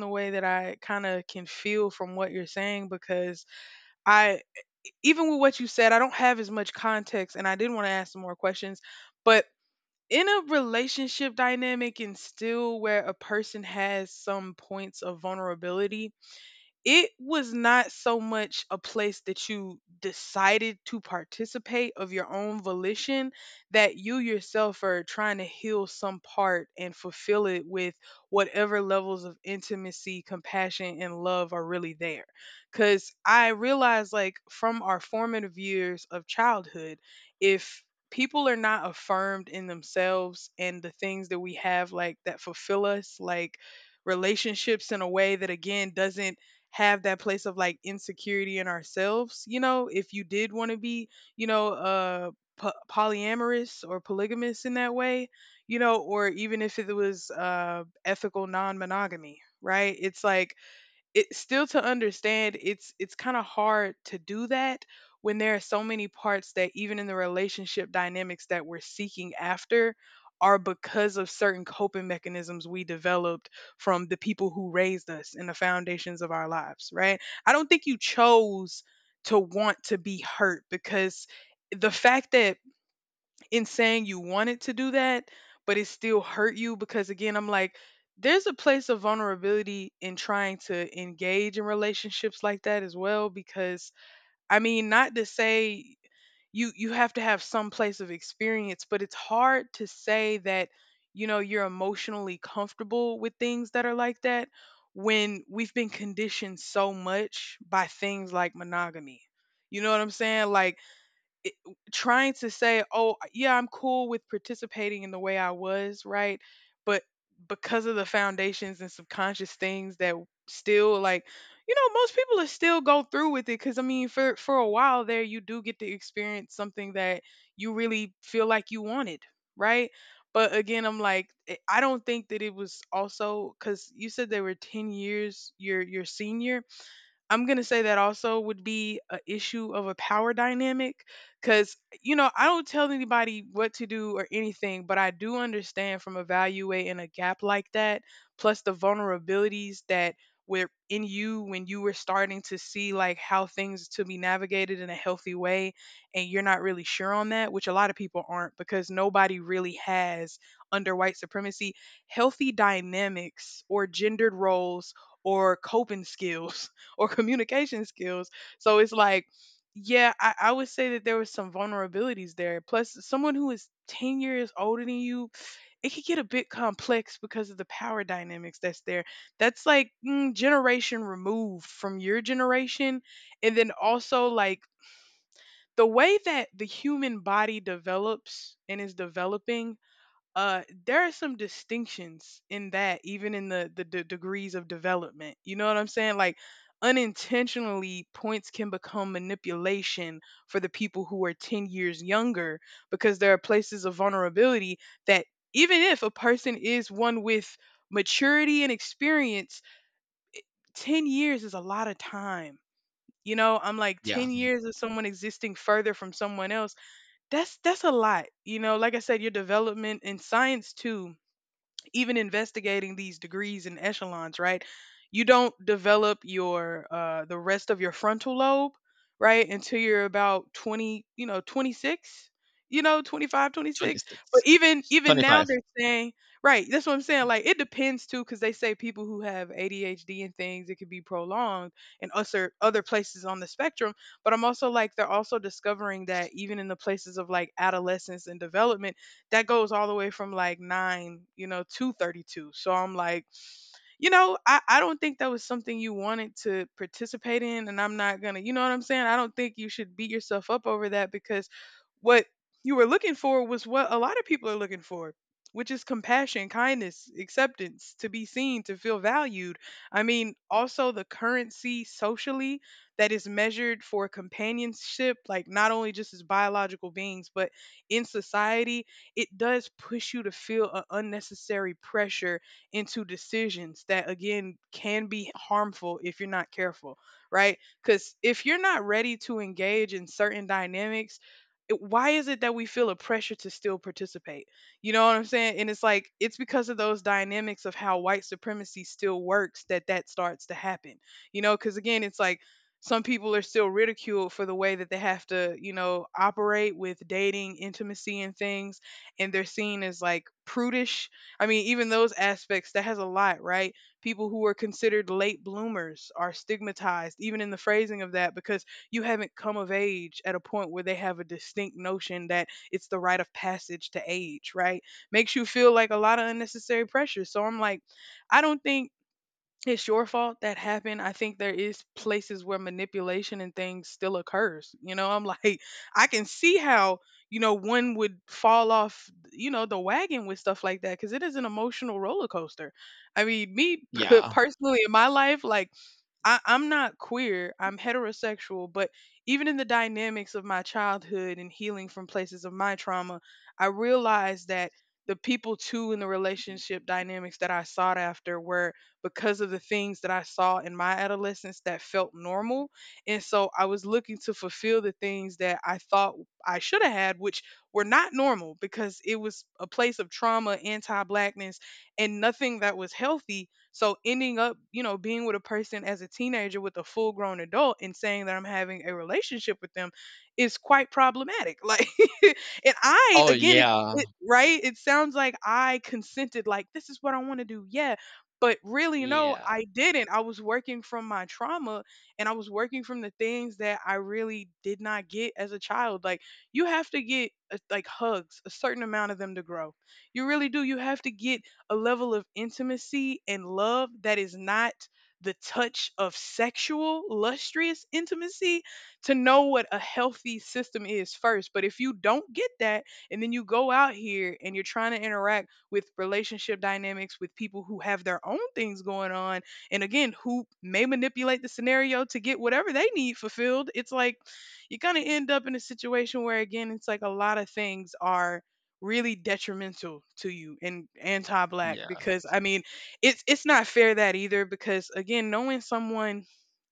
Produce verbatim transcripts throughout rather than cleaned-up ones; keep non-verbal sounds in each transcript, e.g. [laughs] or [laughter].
The way that I kinda can feel from what you're saying because I even with what you said, I don't have as much context and I did wanna ask some more questions. But in a relationship dynamic and still where a person has some points of vulnerability, it was not so much a place that you decided to participate of your own volition that you yourself are trying to heal some part and fulfill it with whatever levels of intimacy, compassion, and love are really there. Because I realized, like, from our formative years of childhood, if people are not affirmed in themselves and the things that we have, like, that fulfill us, like, relationships in a way that again doesn't have that place of like insecurity in ourselves. You know, if you did want to be, you know uh po- polyamorous or polygamous in that way, you know, or even if it was uh ethical non-monogamy, right? It's like, it still, to understand, it's it's kind of hard to do that when there are so many parts that even in the relationship dynamics that we're seeking after are because of certain coping mechanisms we developed from the people who raised us and the foundations of our lives, right? I don't think you chose to want to be hurt, because the fact that in saying you wanted to do that, but it still hurt you, because again, I'm like, there's a place of vulnerability in trying to engage in relationships like that as well. Because I mean, not to say you you have to have some place of experience, but it's hard to say that you know you're emotionally comfortable with things that are like that when we've been conditioned so much by things like monogamy. You know what I'm saying? Like, it, trying to say, "Oh, yeah, I'm cool with participating in the way I was," right? But because of the foundations and subconscious things that still, like, you know, most people are still go through with it, cuz I mean, for for a while there you do get to experience something that you really feel like you wanted, right? But again, I'm like, eh, I don't think that it was also cuz you said they were ten years your your senior. I'm going to say that also would be a issue of a power dynamic, cuz you know, I don't tell anybody what to do or anything, but I do understand from evaluating a gap like that plus the vulnerabilities that were in you when you were starting to see like how things to be navigated in a healthy way and you're not really sure on that, which a lot of people aren't, because nobody really has, under white supremacy, healthy dynamics or gendered roles or coping skills or communication skills. So it's like, yeah, I, I would say that there was some vulnerabilities there. Plus, someone who is ten years older than you, it could get a bit complex because of the power dynamics that's there. That's like mm, generation removed from your generation. And then also, like, the way that the human body develops and is developing, uh there are some distinctions in that, even in the the d- degrees of development, you know what I'm saying? Like, unintentionally, points can become manipulation for the people who are ten years younger, because there are places of vulnerability that, even if a person is one with maturity and experience, ten years is a lot of time. You know, I'm like, Yeah, ten years of someone existing further from someone else, that's that's a lot. You know, like I said, your development in science too, even investigating these degrees and echelons, right? You don't develop your uh, the rest of your frontal lobe, right, until you're about twenty, you know, twenty six, you know, twenty five, twenty six. But twenty six, even even now twenty five, they're saying, right, that's what I'm saying. Like, it depends too, because they say people who have A D H D and things, it could be prolonged, and other other places on the spectrum. But I'm also like, they're also discovering that even in the places of like adolescence and development that goes all the way from like nine, you know, to thirty two. So I'm like, you know, I, I don't think that was something you wanted to participate in. And I'm not going to, you know what I'm saying? I don't think you should beat yourself up over that, because what you were looking for was what a lot of people are looking for, which is compassion, kindness, acceptance, to be seen, to feel valued. I mean, also the currency socially that is measured for companionship, like not only just as biological beings, but in society, it does push you to feel an unnecessary pressure into decisions that again can be harmful if you're not careful, right? Cuz if you're not ready to engage in certain dynamics, it- why is it that we feel a pressure to still participate? You know what I'm saying? And it's like, it's because of those dynamics of how white supremacy still works that that starts to happen. You know, cuz again, it's like some people are still ridiculed for the way that they have to, you know, operate with dating, intimacy, and things. And they're seen as like prudish. I mean, even those aspects, that has a lot, right? People who are considered late bloomers are stigmatized, even in the phrasing of that, because you haven't come of age at a point where they have a distinct notion that it's the rite of passage to age, right? Makes you feel like a lot of unnecessary pressure. So I'm like, I don't think it's your fault that happened. I think there is places where manipulation and things still occurs. You know, I'm like, [laughs] I can see how, you know, one would fall off, you know, the wagon with stuff like that because it is an emotional roller coaster. I mean, me [laughs] yeah. personally in my life, like, I, I'm not queer, I'm heterosexual, but even in the dynamics of my childhood and healing from places of my trauma, I realized that the people too in the relationship dynamics that I sought after were because of the things that I saw in my adolescence that felt normal. And so I was looking to fulfill the things that I thought I should have had, which were not normal because it was a place of trauma, anti blackness, and nothing that was healthy. So ending up, you know, being with a person as a teenager with a full grown adult and saying that I'm having a relationship with them is quite problematic. [laughs] Like, and I, Oh, again, it's yeah, it, right? It sounds like I consented, like, this is what I want to do. Yeah, but really, no, yeah, I didn't. I was working from my trauma and I was working from the things that I really did not get as a child. Like, you have to get uh, like hugs, a certain amount of them to grow. You really do. You have to get a level of intimacy and love that is not the touch of sexual, lustrous intimacy to know what a healthy system is first. But if you don't get that and then you go out here and you're trying to interact with relationship dynamics, with people who have their own things going on, and again, who may manipulate the scenario to get whatever they need fulfilled. It's like you kind of end up in a situation where, again, it's like a lot of things are really detrimental to you and anti-black, yeah, because I mean, it's it's not fair that either, because again, knowing someone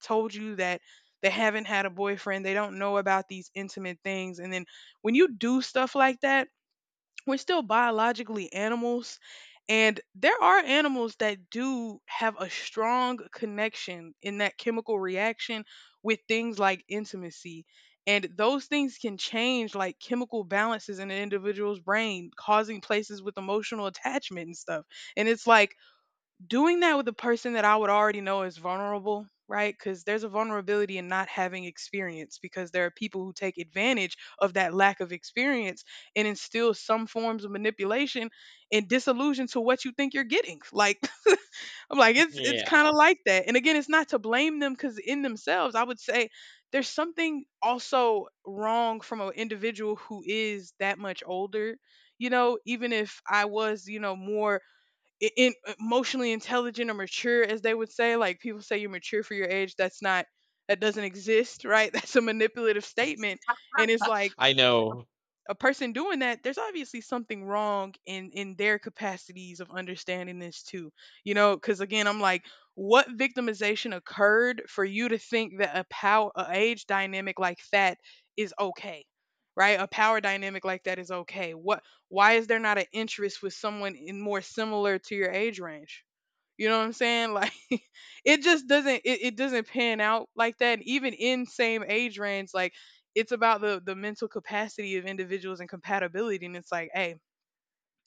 told you that they haven't had a boyfriend, they don't know about these intimate things, and then when you do stuff like that, we're still biologically animals, and there are animals that do have a strong connection in that chemical reaction with things like intimacy, and those things can change like chemical balances in an individual's brain, causing places with emotional attachment and stuff. And it's like doing that with a person that I would already know is vulnerable, right? Because there's a vulnerability in not having experience, because there are people who take advantage of that lack of experience and instill some forms of manipulation and disillusion to what you think you're getting. [laughs] Like, I'm like, it's it's yeah. kind of like that. And again, it's not to blame them because in themselves, I would say there's something also wrong from an individual who is that much older. You know, even if I was, you know, more i- in, emotionally intelligent or mature, as they would say. Like, people say you're mature for your age. That's not that doesn't exist, right? [laughs] That's a manipulative statement, and it's [laughs] like I know. a person doing that, there's obviously something wrong in in their capacities of understanding this too. You know, because again, I'm like, what victimization occurred for you to think that a power, a age dynamic like that is okay, right? A power dynamic like that is okay. What? Why is there not an interest with someone in more similar to your age range? You know what I'm saying? Like, [laughs] it just doesn't it, it doesn't pan out like that. And even in same age range, like it's about the the mental capacity of individuals and compatibility. And it's like, hey,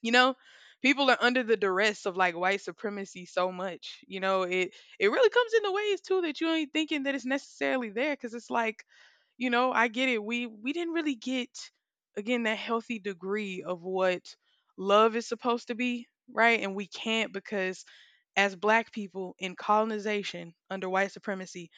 you know, people are under the duress of like white supremacy so much. You know, it it really comes in the ways too that you ain't thinking that it's necessarily there, because it's like, you know, I get it. We we didn't really get again that healthy degree of what love is supposed to be, right? And we can't, because as black people in colonization under white supremacy,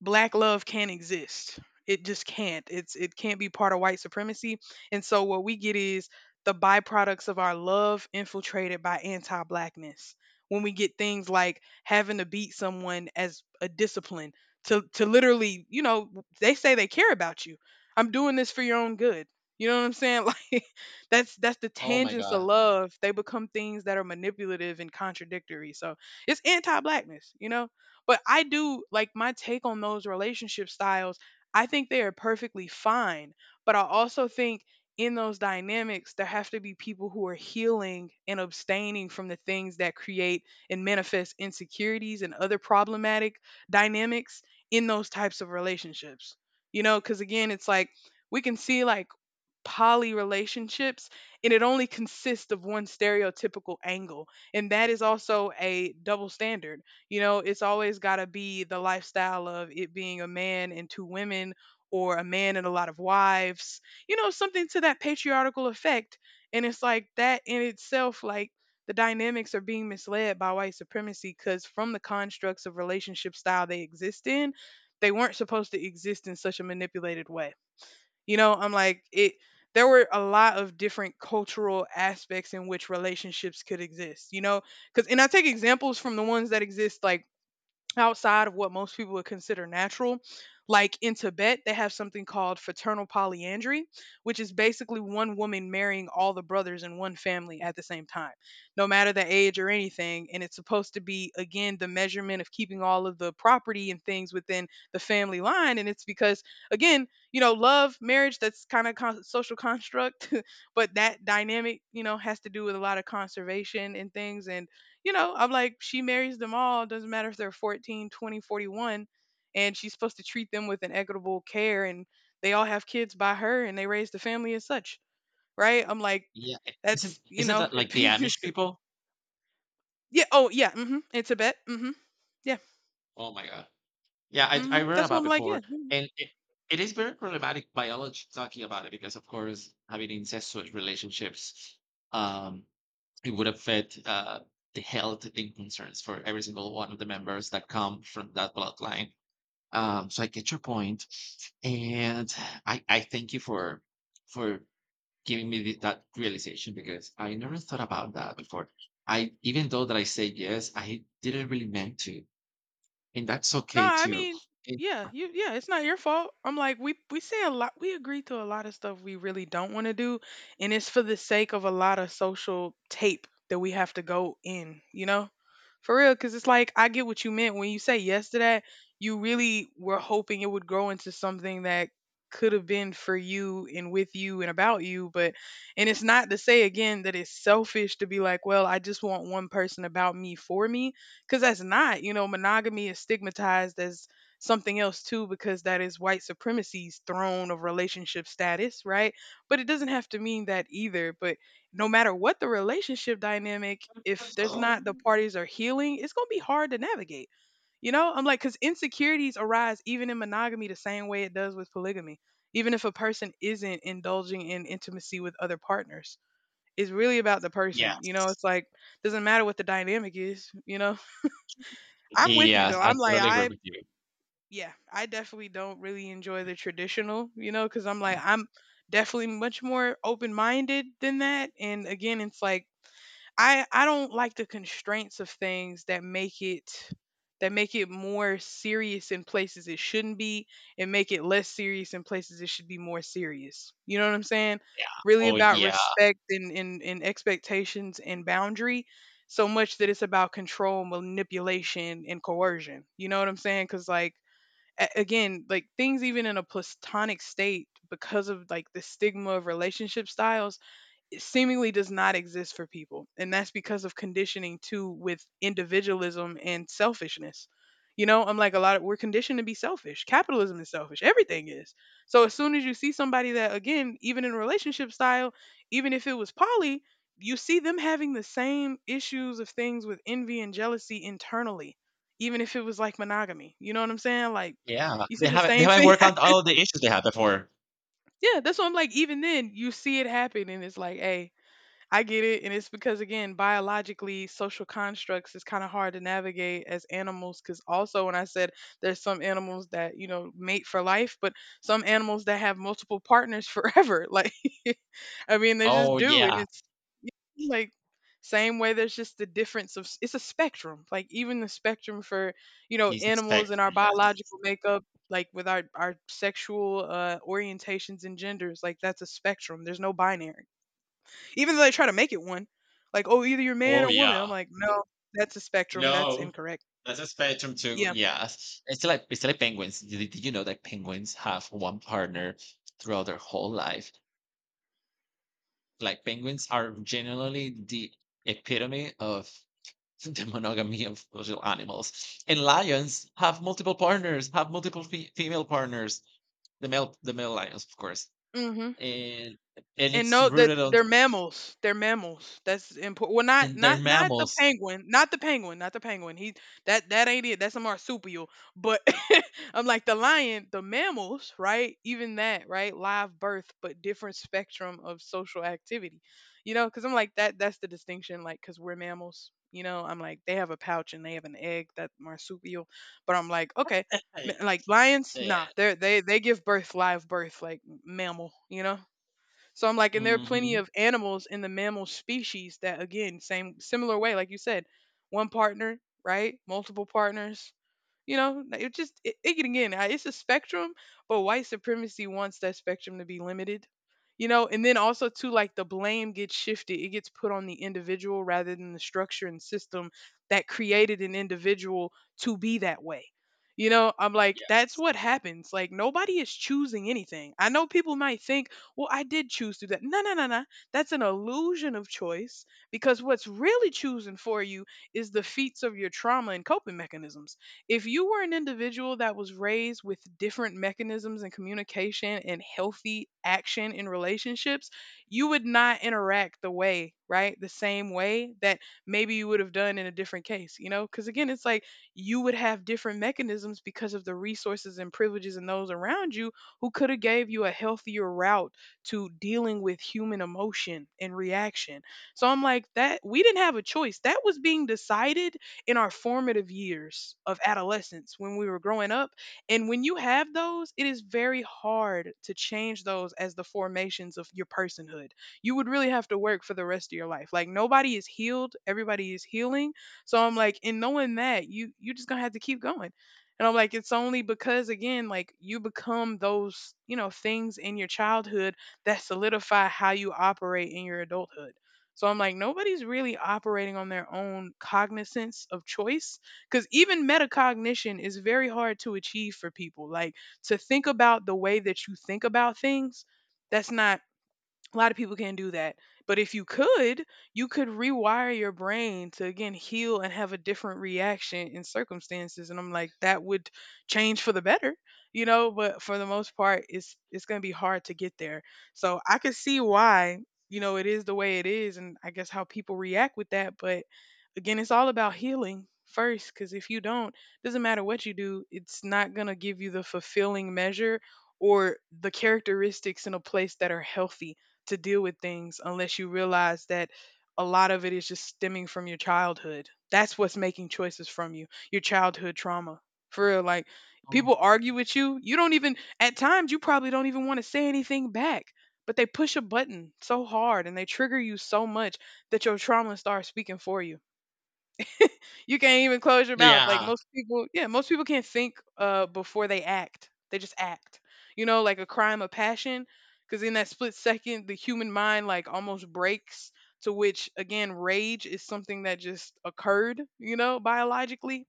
black love can't exist. It just can't. It's it can't be part of white supremacy. And so what we get is the byproducts of our love infiltrated by anti-blackness. When we get things like having to beat someone as a discipline, to to literally, you know, they say they care about you. I'm doing this for your own good. You know what I'm saying? [laughs] Like that's that's the Oh my tangents of god. love. They become things that are manipulative and contradictory. So it's anti-blackness, you know? But I do like my take on those relationship styles. I think they are perfectly fine, but I also think in those dynamics there have to be people who are healing and abstaining from the things that create and manifest insecurities and other problematic dynamics in those types of relationships. You know, cuz again it's like we can see like poly relationships, and it only consists of one stereotypical angle, and that is also a double standard. You know, it's always got to be the lifestyle of it being a man and two women, or a man and a lot of wives, you know, something to that patriarchal effect. And it's like that in itself, like the dynamics are being misled by white supremacy, because from the constructs of relationship style they exist in, they weren't supposed to exist in such a manipulated way. You know, I'm like it there were a lot of different cultural aspects in which relationships could exist, you know? Cuz and I take examples from the ones that exist like outside of what most people would consider natural. Like in Tibet, they have something called fraternal polyandry, which is basically one woman marrying all the brothers in one family at the same time, no matter the age or anything. And it's supposed to be, again, the measurement of keeping all of the property and things within the family line. And it's because, again, you know, love, marriage, that's kind of con- social construct, [laughs] but that dynamic, you know, has to do with a lot of conservation and things. And you know, I'm like, she marries them all. Doesn't matter if they're fourteen, twenty, forty-one. And she's supposed to treat them with an equitable care. And they all have kids by her and they raise the family as such. Right. I'm like, Yeah, I isn't that's, you isn't know, that [laughs] it, like the Amish people? yeah. Oh, yeah. Mm-hmm. In Tibet. Mm-hmm. Yeah. Oh my god. Yeah, I Mm-hmm. I read That's what about I'm like. Yeah, before, yeah. and it it is very problematic biology talking about it because, of course, having incestuous relationships, um, it would affect uh, the health and concerns for every single one of the members that come from that bloodline. Um, so I get your point, and I I thank you for for giving me the, that realization because I never thought about that before. I even though that I said yes, I didn't really meant to, and that's No, okay I too. mean, It- yeah, you yeah, it's not your fault. I'm like, we we say a lot, we agree to a lot of stuff we really don't want to do, and it's for the sake of a lot of social tape that we have to go in, you know? For real, because it's like I get what you meant when you say yes to that. You really were hoping it would grow into something that could have been for you and with you and about you, but and it's not to say again that it's selfish to be like, well, I just want one person about me for me, because that's not, you know, monogamy is stigmatized as something else too, because that is white supremacy's throne of relationship status, right? But it doesn't have to mean that either. But no matter what the relationship dynamic, if there's not the parties are healing, it's going to be hard to navigate. You know, I'm like, because insecurities arise even in monogamy the same way it does with polygamy, even if a person isn't indulging in intimacy with other partners. It's really about the person, you know, yes, it's like doesn't matter what the dynamic is, you know. [laughs] I'm with you yes, though. I I'm like totally agree I with you. yeah, I definitely don't really enjoy the traditional, you know, cuz I'm like I'm definitely much more open-minded than that. And again it's like I I don't like the constraints of things that make it that make it more serious in places it shouldn't be, and make it less serious in places it should be more serious. You know what I'm saying? Yeah. Really Oh about yeah. respect and, and, and expectations and boundary so much that it's about control, manipulation, and coercion. You know what I'm saying? Because, like, a- again, like things even in a platonic state, because of like the stigma of relationship styles, seemingly does not exist for people. And that's because of conditioning too with individualism and selfishness. You know, I'm like a lot of we're conditioned to be selfish. Capitalism is selfish. Everything is. So as soon as you see somebody that again, even in relationship style, even if it was poly, you see them having the same issues of things with envy and jealousy internally, even if it was like monogamy. You know what I'm saying? Like Yeah. you They see the haven't they same haven't thing. worked out all the issues they had before. [laughs] Yeah, that's what I'm like. Even then, you see it happen, and it's like, hey, I get it. And it's because, again, biologically, social constructs is kind of hard to navigate as animals. Because also, when I said there's some animals that, you know, mate for life, but some animals that have multiple partners [laughs] forever. Like, [laughs] I mean, they just Oh do. And yeah. it's you know, like, same way there's just the difference of s- it's a spectrum, like even the spectrum for, you know, It's a animals and our spectrum. Yes. biological makeup, like with our our sexual uh orientations and genders, like that's a spectrum, there's no binary, even though they try to make it one. Like, "Oh, either you're man Oh or woman." I'm yeah. like, "No, that's a spectrum. That's No. incorrect." That's a spectrum too. Yeah. Yeah, it's like it's like penguins. Did, did you know that penguins have one partner throughout their whole life? Like penguins are generally the epitome of [laughs] the monogamy of social animals, and lions have multiple partners, have multiple fe- female partners. The male, the male lions, of course, Mhm. and and And it's know that rooted on they're mammals. They're mammals. That's important. Well, not and they're not not the mammals. penguin. Not the penguin. Not the penguin. He that that ain't it. That's a marsupial. But [laughs] I'm like the lion, the mammals, right? Even that, right? Live birth, but different spectrum of social activity. You know, because I'm like that. That's the distinction. Like, because we're mammals. You know, I'm like they have a pouch and they have an egg. That marsupial. But I'm like, okay, Right. m- like lions, Yeah. nah. They are they they give birth live birth, like mammal. You know. So I'm like, and there are plenty Mm-hmm. of animals in the mammal species that, again, same similar way, like you said, one partner, right? Multiple partners, you know, like, it just it, it- again, I- it's a spectrum, but white supremacy wants that spectrum to be limited. You know, and then also too, like the blame gets shifted; it gets put on the individual rather than the structure and system that created an individual to be that way. You know, I'm like, that's Yes. what happens. Like nobody is choosing anything. I know people might think, well, I did choose to do that. No, no, no, no. That's an illusion of choice, because what's really choosing for you is the feats of your trauma and coping mechanisms. If you were an individual that was raised with different mechanisms and communication and healthy action in relationships, you would not interact the way, right? The same way that maybe you would have done in a different case, you know? Because again, it's like you would have different mechanisms because of the resources and privileges and those around you who could have gave you a healthier route to dealing with human emotion and reaction. So I'm like, that we didn't have a choice. That was being decided in our formative years of adolescence when we were growing up. And when you have those, it is very hard to change those as the formations of your personhood. You would really have to work for the rest of your life. Like nobody is healed, everybody is healing. So I'm like, in knowing that, you you just gonna have to keep going. And I'm like, it's only because again, like you become those, you know, things in your childhood that solidify how you operate in your adulthood. So I'm like, nobody's really operating on their own cognizance of choice. Because even metacognition is very hard to achieve for people. Like to think about the way that you think about things, that's not a lot of people can't do that. But if you could, you could rewire your brain to again heal and have a different reaction in circumstances. And I'm like, that would change for the better, you know. But for the most part, it's it's gonna be hard to get there. So I could see why, you know, it is the way it is, and I guess how people react with that. But again, it's all about healing first, because if you don't, doesn't matter what you do, it's not gonna give you the fulfilling measure or the characteristics in a place that are healthy to deal with things unless you realize that a lot of it is just stemming from your childhood. That's what's making choices from you, your childhood trauma. For real, like Oh. people argue with you. You don't even, at times, you probably don't even want to say anything back, but they push a button so hard and they trigger you so much that your trauma starts speaking for you. You can't even close your mouth. Like Yeah. most people, yeah, most people can't think uh before they act. They just act. You know, like a crime of passion because in that split second the human mind like almost breaks, to which again rage is something that just occurred, you know, biologically,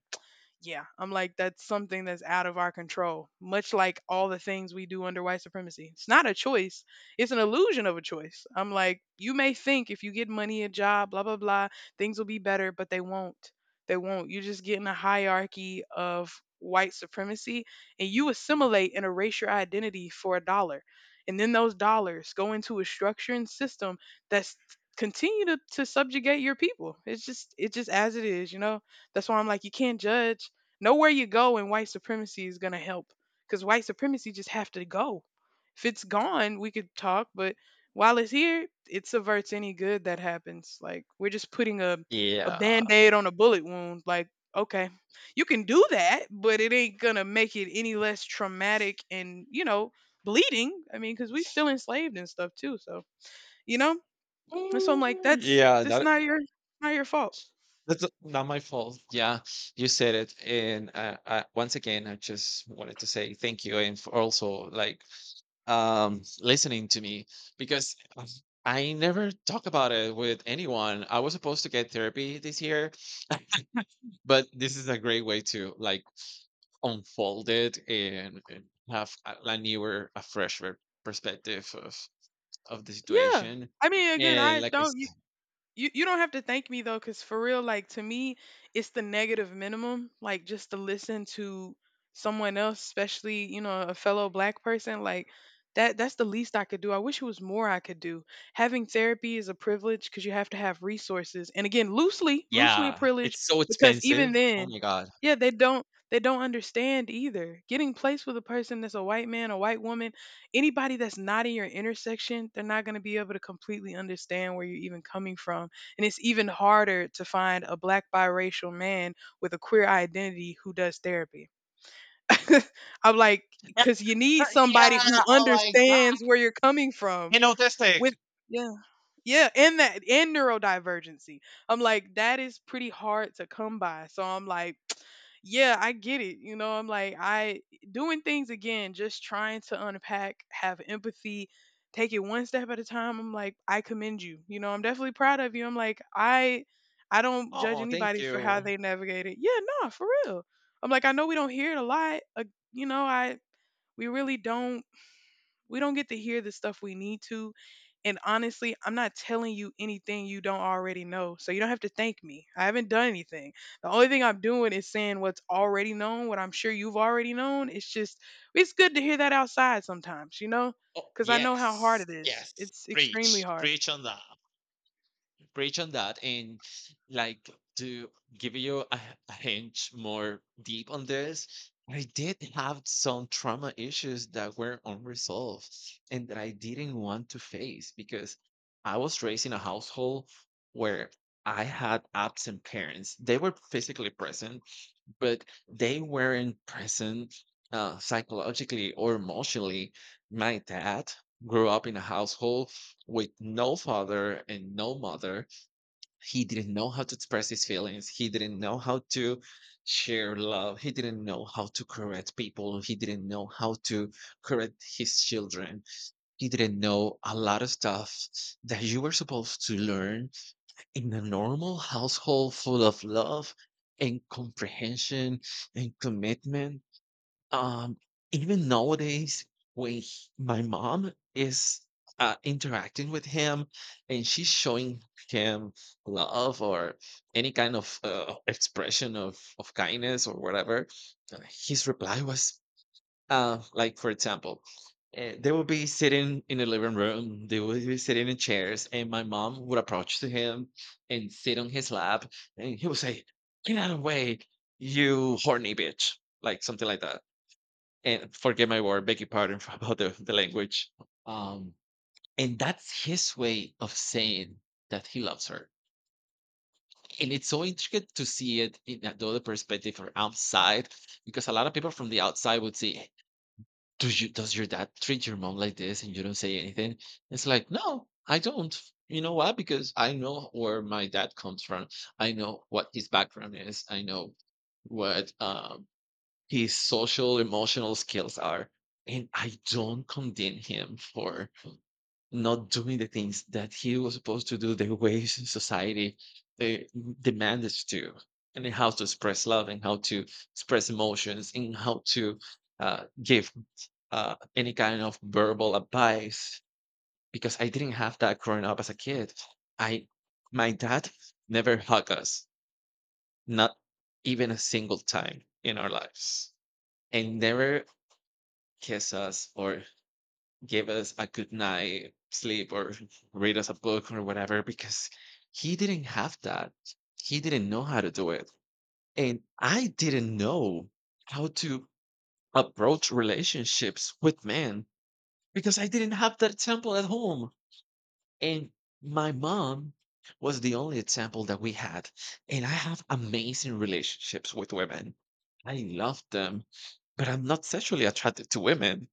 yeah, I'm like, that's something that's out of our control, much like all the things we do under white supremacy. It's not a choice, it's an illusion of a choice. I'm like, you may think if you get money, a job, blah, blah, blah, things will be better, but they won't. They won't. You just get in a hierarchy of white supremacy, and you assimilate and erase your identity for a dollar. And then those dollars go into a structure and system that's continue to, to subjugate your people. It's just it's just as it is, you know? That's why I'm like, you can't judge. Nowhere you go in white supremacy is going to help, because white supremacy just have to go. If it's gone, we could talk, but while it's here, it subverts any good that happens. Like we're just putting a a Yeah. band-aid on a bullet wound. Like, okay, you can do that, but it ain't going to make it any less traumatic and, you know, bleeding. I mean, cuz we still enslaved and stuff too, so, you know? And so I'm like Ooh, that's yeah, that's that not your, not your fault. That's not my fault. Yeah, you said it, and uh, uh, once again, I just wanted to say thank you, and for also like um, listening to me because um, I never talk about it with anyone. I was supposed to get therapy this year, but this is a great way to like unfold it and, and have a, a newer, a fresher perspective of of the Yeah. situation. I mean, again, And I like I don't. You s- you don't have to thank me though, because for real, like to me, it's the negative minimum. Like just to listen to someone else, especially you know a fellow black person, like that that's the least I could do. I wish it was more I could do. Having therapy is a privilege because you have to have resources, and again, loosely loosely a yeah, privilege it's so because even expensive. Oh then, my god. yeah, they don't they don't understand either. Getting placed with a person that's a white man, a white woman, anybody that's not in your intersection, they're not going to be able to completely understand where you're even coming from. And it's even harder to find a black biracial man with a queer identity who does therapy. [laughs] I'm like, because you Uh, need somebody who yeah, oh my god. understands where you're coming from And autistic. with, yeah. Yeah, and that and neurodivergency. I'm like, that is pretty hard to come by. So I'm like, [tsk] yeah, I get it. You know, I'm like, I doing things again, just trying to unpack, have empathy, take it one step at a time. I'm like, I commend you. You know, I'm definitely proud of you. I'm like, I I don't judge Oh, thank anybody for how you. they navigate it. Yeah, no, for real. I'm like, I know we don't hear it a lot. Uh, you know, I we really don't, we don't get to hear the stuff we need to. And honestly, I'm not telling you anything you don't already know. So you don't have to thank me. I haven't done anything. The only thing I'm doing is saying what's already known, what I'm sure you've already known. It's just, it's good to hear that outside sometimes, you know? Oh, Because I know how hard yes. it is. Yes. It's extremely Preach. hard. Preach on that. Preach on that. And like to give you a, a hint more deep on this, I did have some trauma issues that were unresolved and that I didn't want to face because I was raised in a household where I had absent parents. They were physically present, but they weren't present uh, psychologically or emotionally. My dad grew up in a household with no father and no mother. He didn't know how to express his feelings. He didn't know how to share love. He didn't know how to correct people. He didn't know how to correct his children. He didn't know a lot of stuff that you were supposed to learn in a normal household full of love and comprehension and commitment. Um, Even nowadays, when he- my mom is uh, interacting with him and she's showing him love or any kind of uh, expression of, of kindness or whatever, uh, his reply was, uh, like for example, uh, they would be sitting in the living room. They would be sitting in chairs, and my mom would approach to him and sit on his lap, and he would say, "Get out of the way, you horny bitch," like something like that. And forget my word, beg your pardon [laughs] for about the, the language. Um, and that's his way of saying that he loves her. And it's so intricate to see it in another perspective or outside, because a lot of people from the outside would see, "Do you does your dad treat your mom like this and you don't say anything?" It's like, "No, I don't." You know why? Because I know where my dad comes from. I know what his background is. I know what um, his social emotional skills are. And I don't condemn him for not doing the things that he was supposed to do the ways society uh, demanded to, and how to express love and how to express emotions and how to uh, give uh, any kind of verbal advice because I didn't have that growing up as a kid. I my dad never hugged us, not even a single time in our lives, and never kiss us or give us a good night sleep or [laughs] read us a book or whatever because he didn't have that. He didn't know how to do it, and I didn't know how to approach relationships with men because I didn't have that example at home. And my mom was the only example that we had. And I have amazing relationships with women. I love them, but I'm not sexually attracted to women.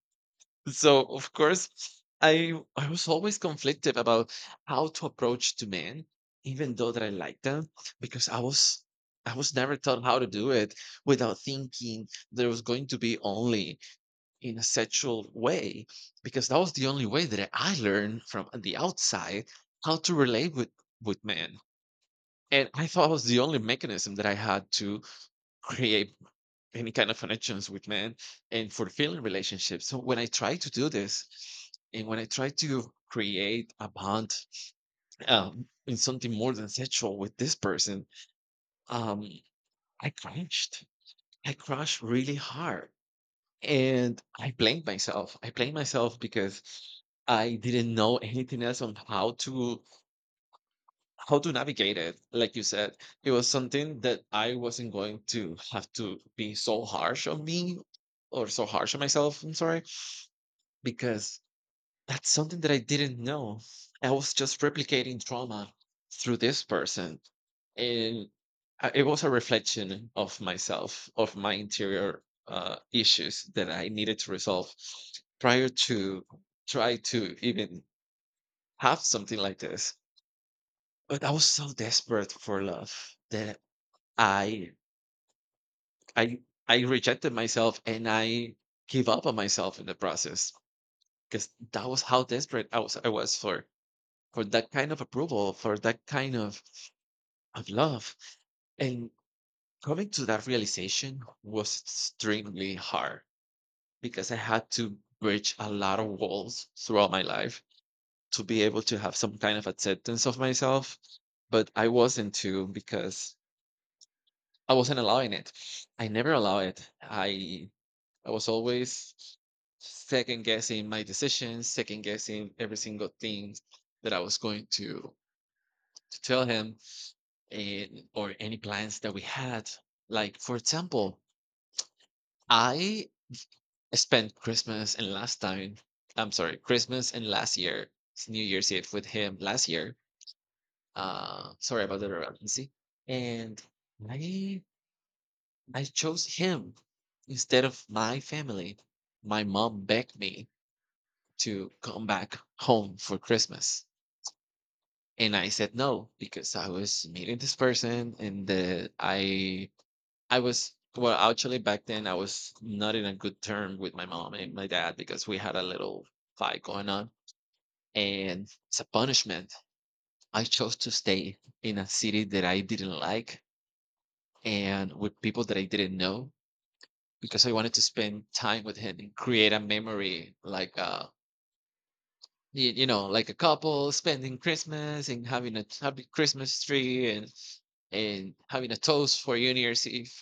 So of course, I I was always conflicted about how to approach to men, even though that I liked them, because I was I was never taught how to do it without thinking there was going to be only in a sexual way because that was the only way that I learned from the outside how to relate with with men. And I thought it was the only mechanism that I had to create any kind of connections with men and fulfilling relationships. So when I try to do this, and when I try to create a bond um, in something more than sexual with this person, um, I crashed. I crashed really hard. And I blamed myself. I blamed myself because I didn't know anything else on how to how to navigate it. Like you said, it was something that I wasn't going to have to be so harsh on me or so harsh on myself. I'm sorry because that's something that I didn't know. I was just replicating trauma through this person. And I- it was a reflection of myself, of my interior uh, issues that I needed to resolve prior to try to even have something like this. But I was so desperate for love that I I I rejected myself and I gave up on myself in the process because that was how desperate I was I was for for that kind of approval, for that kind of, of love. And coming to that realization was extremely hard because I had to bridge a lot of walls throughout my life to be able to have some kind of acceptance of myself. But I wasn't too because I wasn't allowing it. I never allow it. I I was always second guessing my decisions, second guessing every single thing that I was going to to tell him and, or any plans that we had. Like, for example, I spent Christmas and last time, I'm sorry, Christmas and last year, it's New Year's Eve with him last year. Uh, sorry about the redundancy. And I I chose him instead of my family. My mom begged me to come back home for Christmas. And I said no because I was meeting this person and uh, I I was well, actually, back then I was not in a good term with my mom and my dad because we had a little fight going on. And as a punishment. I chose to stay in a city that I didn't like and with people that I didn't know because I wanted to spend time with him and create a memory like uh y- you know, like a couple spending Christmas and having a happy Christmas tree and and having a toast for New Year's Eve.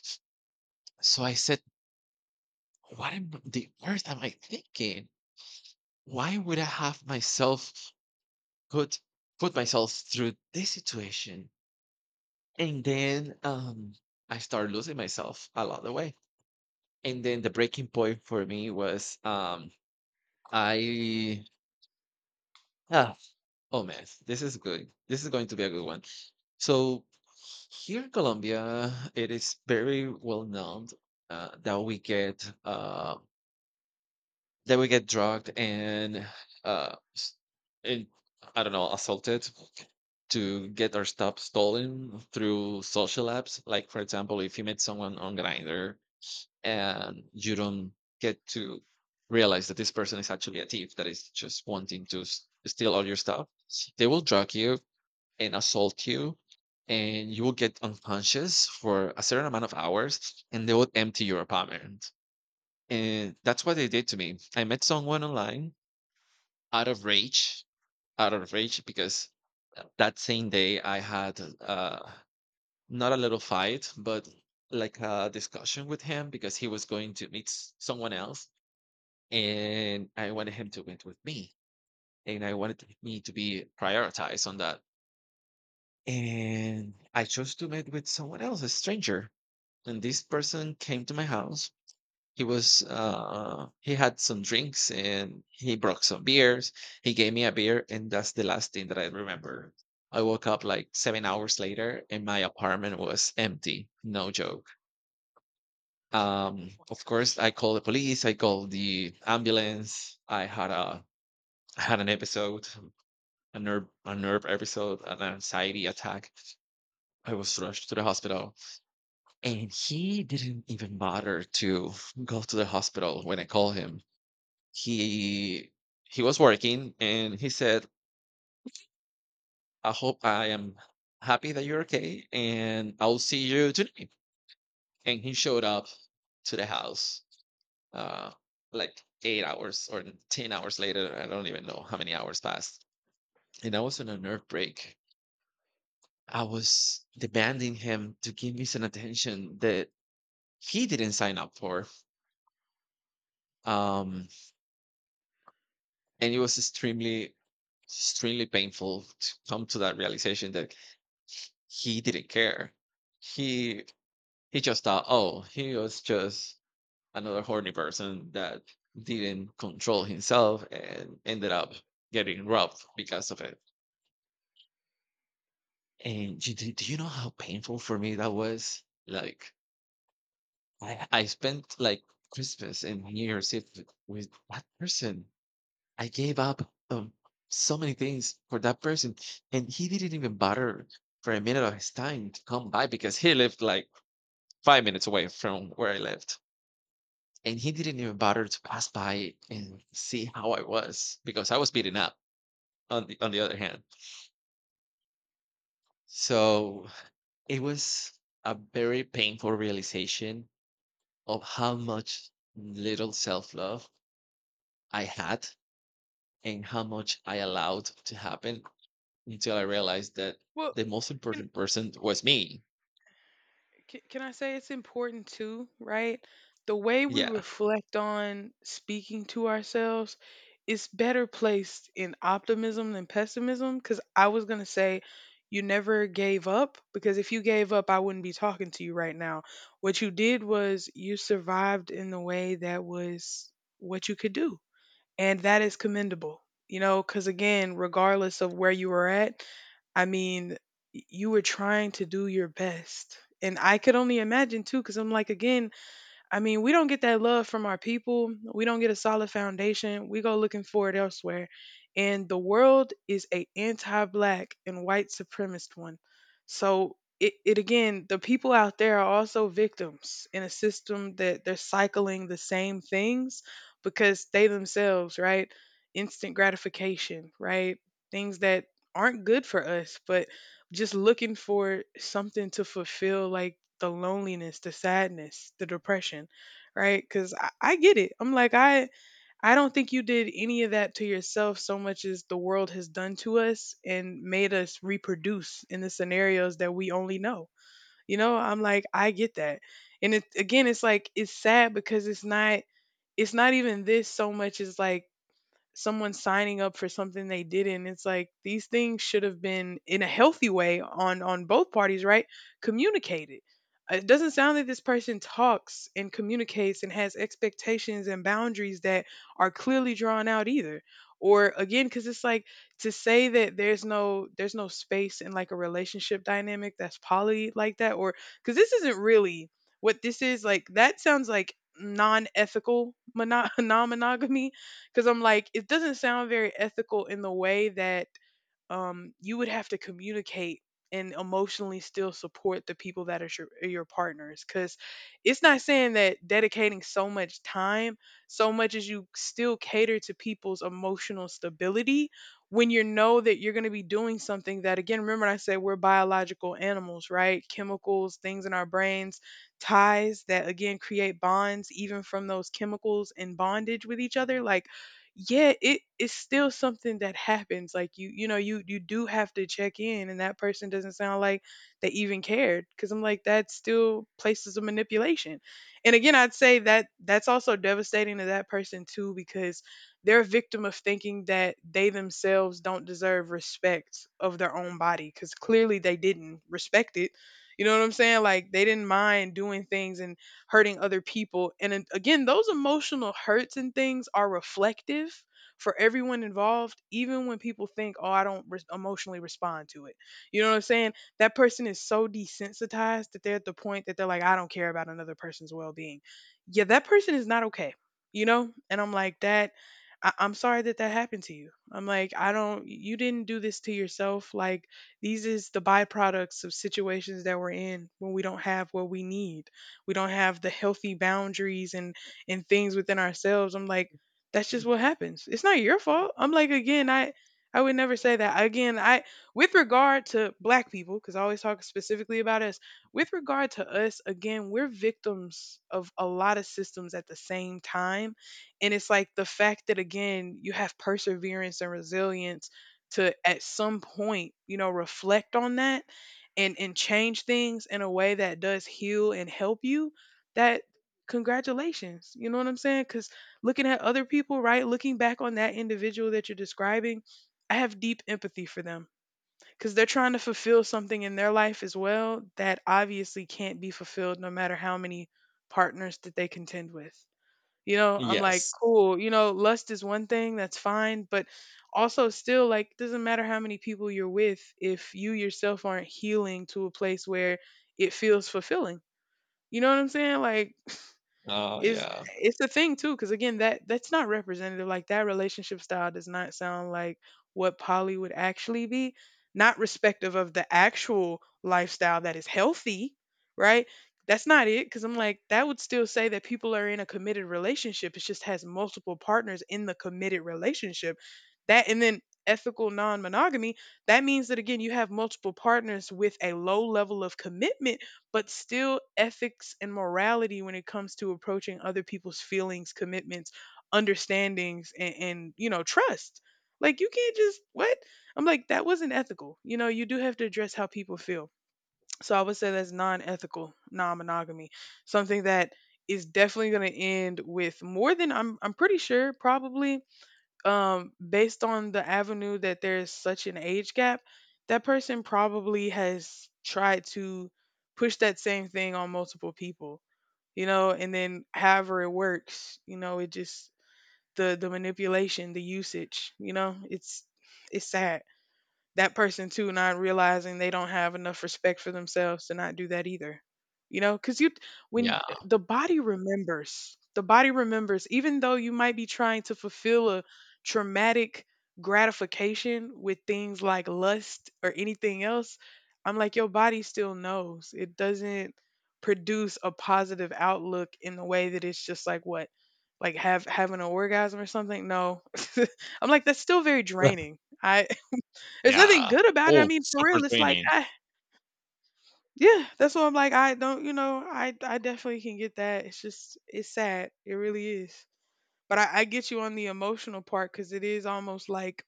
So I said, "What am the earth am I thinking? Why would I have myself put put myself through this situation?" And then um I started losing myself along the way. And then the breaking point for me was, um I ah, oh man, this is good. This is going to be a good one. So here in Colombia, it is very well known uh, that we get uh, they would get drugged and uh s- and I don't know, assaulted to get our stuff stolen through social apps. Like for example, if you meet someone on Grinder and you don't get to realize that this person is actually a thief that is just wanting to s- steal all your stuff, they will drug you and assault you, and you will get unconscious for a certain amount of hours, and they will empty your apartment. And that's what they did to me. I met someone online out of rage, out of rage, because uh, that same day I had uh, not a little fight, but like a discussion with him because he was going to meet s- someone else, and I wanted him to meet with me, and I wanted to- me to be prioritized on that. And I chose to meet with someone else, a stranger, and this person came to my house. He was uh he had some drinks and he brought some beers. He gave me a beer and that's the last thing that I remember. I woke up like seven hours later and my apartment was empty. No joke. Um, of course I called the police, I called the ambulance. I had a I had an episode, a nerve a nerve episode, an anxiety attack. I was rushed to the hospital and he didn't even bother to go to the hospital when I called him. he he was working and he said, "I hope I am happy that you're okay, and I'll see you tonight." And he showed up to the house uh like eight hours or ten hours later. I don't even know how many hours passed, and I was on a nerve break. I was demanding him to give me some attention that he didn't sign up for. um and it was extremely extremely painful to come to that realization that he didn't care. He he just thought, oh, he was just another horny person that didn't control himself and ended up getting robbed because of it. And do, do do you know how painful for me that was? Like I I spent like Christmas and New Year's Eve with with that person. I gave up um, so many things for that person, and he didn't even bother for a minute of his time to come by because he lived like five minutes away from where I lived. And he didn't even bother to pass by and see how I was because I was beaten up on the, on the other hand. So it was a very painful realization of how much little self love I had and how much I allowed to happen until I realized that Well, the most can important person was me. Can, can I say it's important too, right? The way we Yeah. reflect on speaking to ourselves is better placed in optimism than pessimism. Because I was going to say, you never gave up, because if you gave up, I wouldn't be talking to you right now. What you did was you survived in the way that was what you could do, and that is commendable, you know, because again, regardless of where you were at, I mean, y- you were trying to do your best and I could only imagine too, because I'm like, again, I mean, we don't get that love from our people. We don't get a solid foundation. We go looking for it elsewhere. And the world is a anti-black and white supremacist one. So it, it again, the people out there are also victims in a system that they're cycling the same things because they themselves, right? Instant gratification, right? Things that aren't good for us, but just looking for something to fulfill like the loneliness, the sadness, the depression, right? Because I, I get it. I'm like, I I don't think you did any of that to yourself so much as the world has done to us and made us reproduce in the scenarios that we only know. You know, I'm like, I get that. And it again, it's like it's sad because it's not, it's not even this so much as like someone signing up for something they didn't. It's like these things should have been in a healthy way on on both parties, right? Communicated. Uh, It doesn't sound like this person talks and communicates and has expectations and boundaries that are clearly drawn out either. Or again, because it's like to say that there's no there's no space in like a relationship dynamic that's poly like that, or because this isn't really what this is like. That sounds like non-ethical mono- [laughs] non-monogamy because I'm like, it doesn't sound very ethical in the way that um, you would have to communicate and emotionally still support the people that are your, your partners. Because it's not saying that dedicating so much time, so much as you still cater to people's emotional stability when you know that you're going to be doing something that, again, remember I said we're biological animals, right? Chemicals, things in our brains, ties that, again, create bonds, even from those chemicals in bondage with each other. Like, yeah, it is still something that happens, like you you know you you do have to check in, and that person doesn't sound like they even cared, because I'm like that still places of manipulation, and again I'd say that that's also devastating to that person too, because they're a victim of thinking that they themselves don't deserve respect of their own body because clearly they didn't respect it, you know what I'm saying? Like they didn't mind doing things and hurting other people. And then again, those emotional hurts and things are reflective for everyone involved, even when people think, oh, I don't re- emotionally respond to it. You know what I'm saying? That person is so desensitized that they're at the point that they're like, I don't care about another person's well being. Yeah, that person is not okay, you know? And I'm like, that. I- I'm sorry that that happened to you. I'm like, I don't, you didn't do this to yourself. Like, these is the byproducts of situations that we're in when we don't have what we need, we don't have the healthy boundaries and and things within ourselves. I'm like, that's just what happens. It's not your fault. I'm like, again, i i would never say that again. I with regard to Black people, because I always talk specifically about us, with regard to us. Again, we're victims of a lot of systems at the same time. And it's like the fact that, again, you have perseverance and resilience to, at some point, you know, reflect on that and and change things in a way that does heal and help you, that, congratulations. You know what I'm saying? Because looking at other people, right, looking back on that individual that you're describing, I have deep empathy for them, because they're trying to fulfill something in their life as well that obviously can't be fulfilled no matter how many partners that they contend with. You know, I'm like, Yes. cool, you know, lust is one thing, that's fine. But also, still, like, doesn't matter how many people you're with if you yourself aren't healing to a place where it feels fulfilling. You know what I'm saying? Like, Oh, is, yeah. it's a thing too, because again, that that's not representative. Like that relationship style does not sound like what poly would actually be. Not respective of the actual lifestyle that is healthy, right? That's not it, because I'm like that would still say that people are in a committed relationship. It just has multiple partners in the committed relationship. That, and then ethical non-monogamy. That means that, again, you have multiple partners with a low level of commitment, but still ethics and morality when it comes to approaching other people's feelings, commitments, understandings, and, and you know, trust. Like you can't just what? I'm like, that wasn't ethical. You know, you do have to address how people feel. So I would say that's non ethical, non monogamy. Something that is definitely gonna end with more than I'm I'm pretty sure, probably um, based on the avenue that there's such an age gap, that person probably has tried to push that same thing on multiple people, you know, and then however it works, you know, it just the the manipulation, the usage, you know, it's it's sad. That person too, not realizing they don't have enough respect for themselves to not do that either. You know, because you, when Yeah. the body remembers, the body remembers, even though you might be trying to fulfill a traumatic gratification with things like lust or anything else, I'm like your body still knows. It doesn't produce a positive outlook in the way that it's just like what, like have having an orgasm or something? No. [laughs] I'm like, that's still very [laughs] draining. I, there's nothing Yeah. good about it. I Oh, mean, for super real, it's like, training. I, yeah, that's why I'm like, I don't, you know, I, I definitely can get that. It's just, it's sad. It really is. But I, I get you on the emotional part, because it is almost like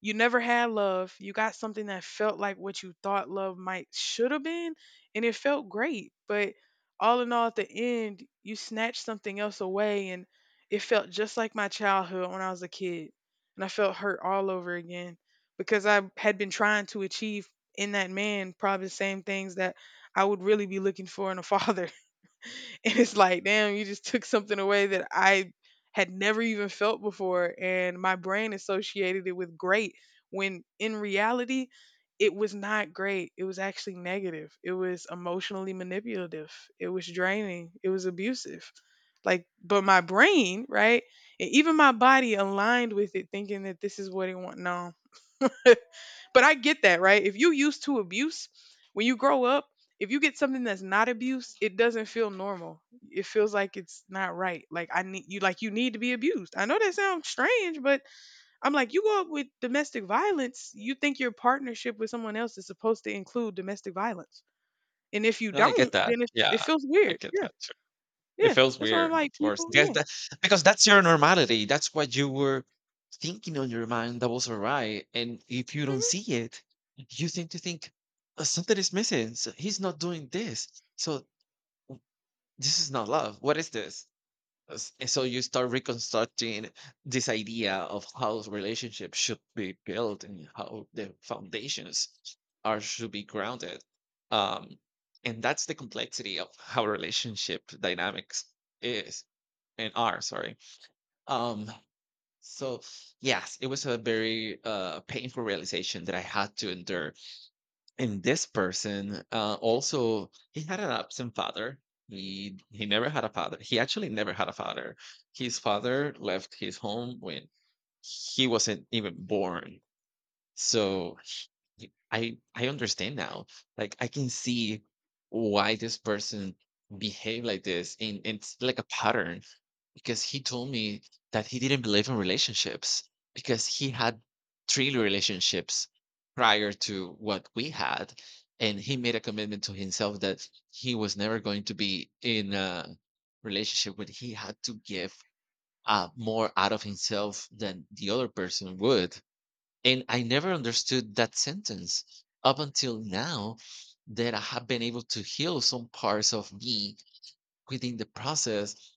you never had love. You got something that felt like what you thought love might should have been, and it felt great. But all in all, at the end, you snatched something else away, and it felt just like my childhood when I was a kid. And I felt hurt all over again, because I had been trying to achieve in that man probably the same things that I would really be looking for in a [laughs] father. [laughs] and it's like, damn, you just took something away that I had never even felt before. And my brain associated it with great, when in reality, it was not great. It was actually negative. It was emotionally manipulative. It was draining. It was abusive. Like, but my brain, right? And even my body aligned with it, thinking that this is what it want. No, [laughs] but I get that, right? If you used to abuse, when you grow up, if you get something that's not abuse, it doesn't feel normal. It feels like it's not right. Like I need you, like you need to be abused. I know that sounds strange, but I'm like you go up with domestic violence, you think your partnership with someone else is supposed to include domestic violence. And if you No, I get don't, that. then it, it Yeah, feels I weird. get Yeah. that too. It Yeah. feels That's why I'm weird, of like course. people, That's yeah. the because that's your normality. That's what you were thinking on your mind that was all right. And if you don't Mm-hmm. see it, you tend to think, "Uh, something is missing. So he's not doing this. So this is not love. What is this?" S- and so you start reconstructing this idea of how relationships should be built and how the foundations are should be grounded. um and that's the complexity of how relationship dynamics is and are, sorry. um so yes, it was a very uh painful realization that I had to endure, and this person, uh, also he had an absent father. He he never had a father. He actually never had a father. His father left his home when he wasn't even born. So y- I I understand now. Like I can see why this person behaved like this, and and it's like a pattern because he told me that he didn't believe in relationships because he had three relationships prior to what we had, and he made a commitment to himself that he was never going to be in a relationship where he had to give uh, more out of himself than the other person would, and I never understood that sentence up until now that I have been able to heal some parts of me within the process.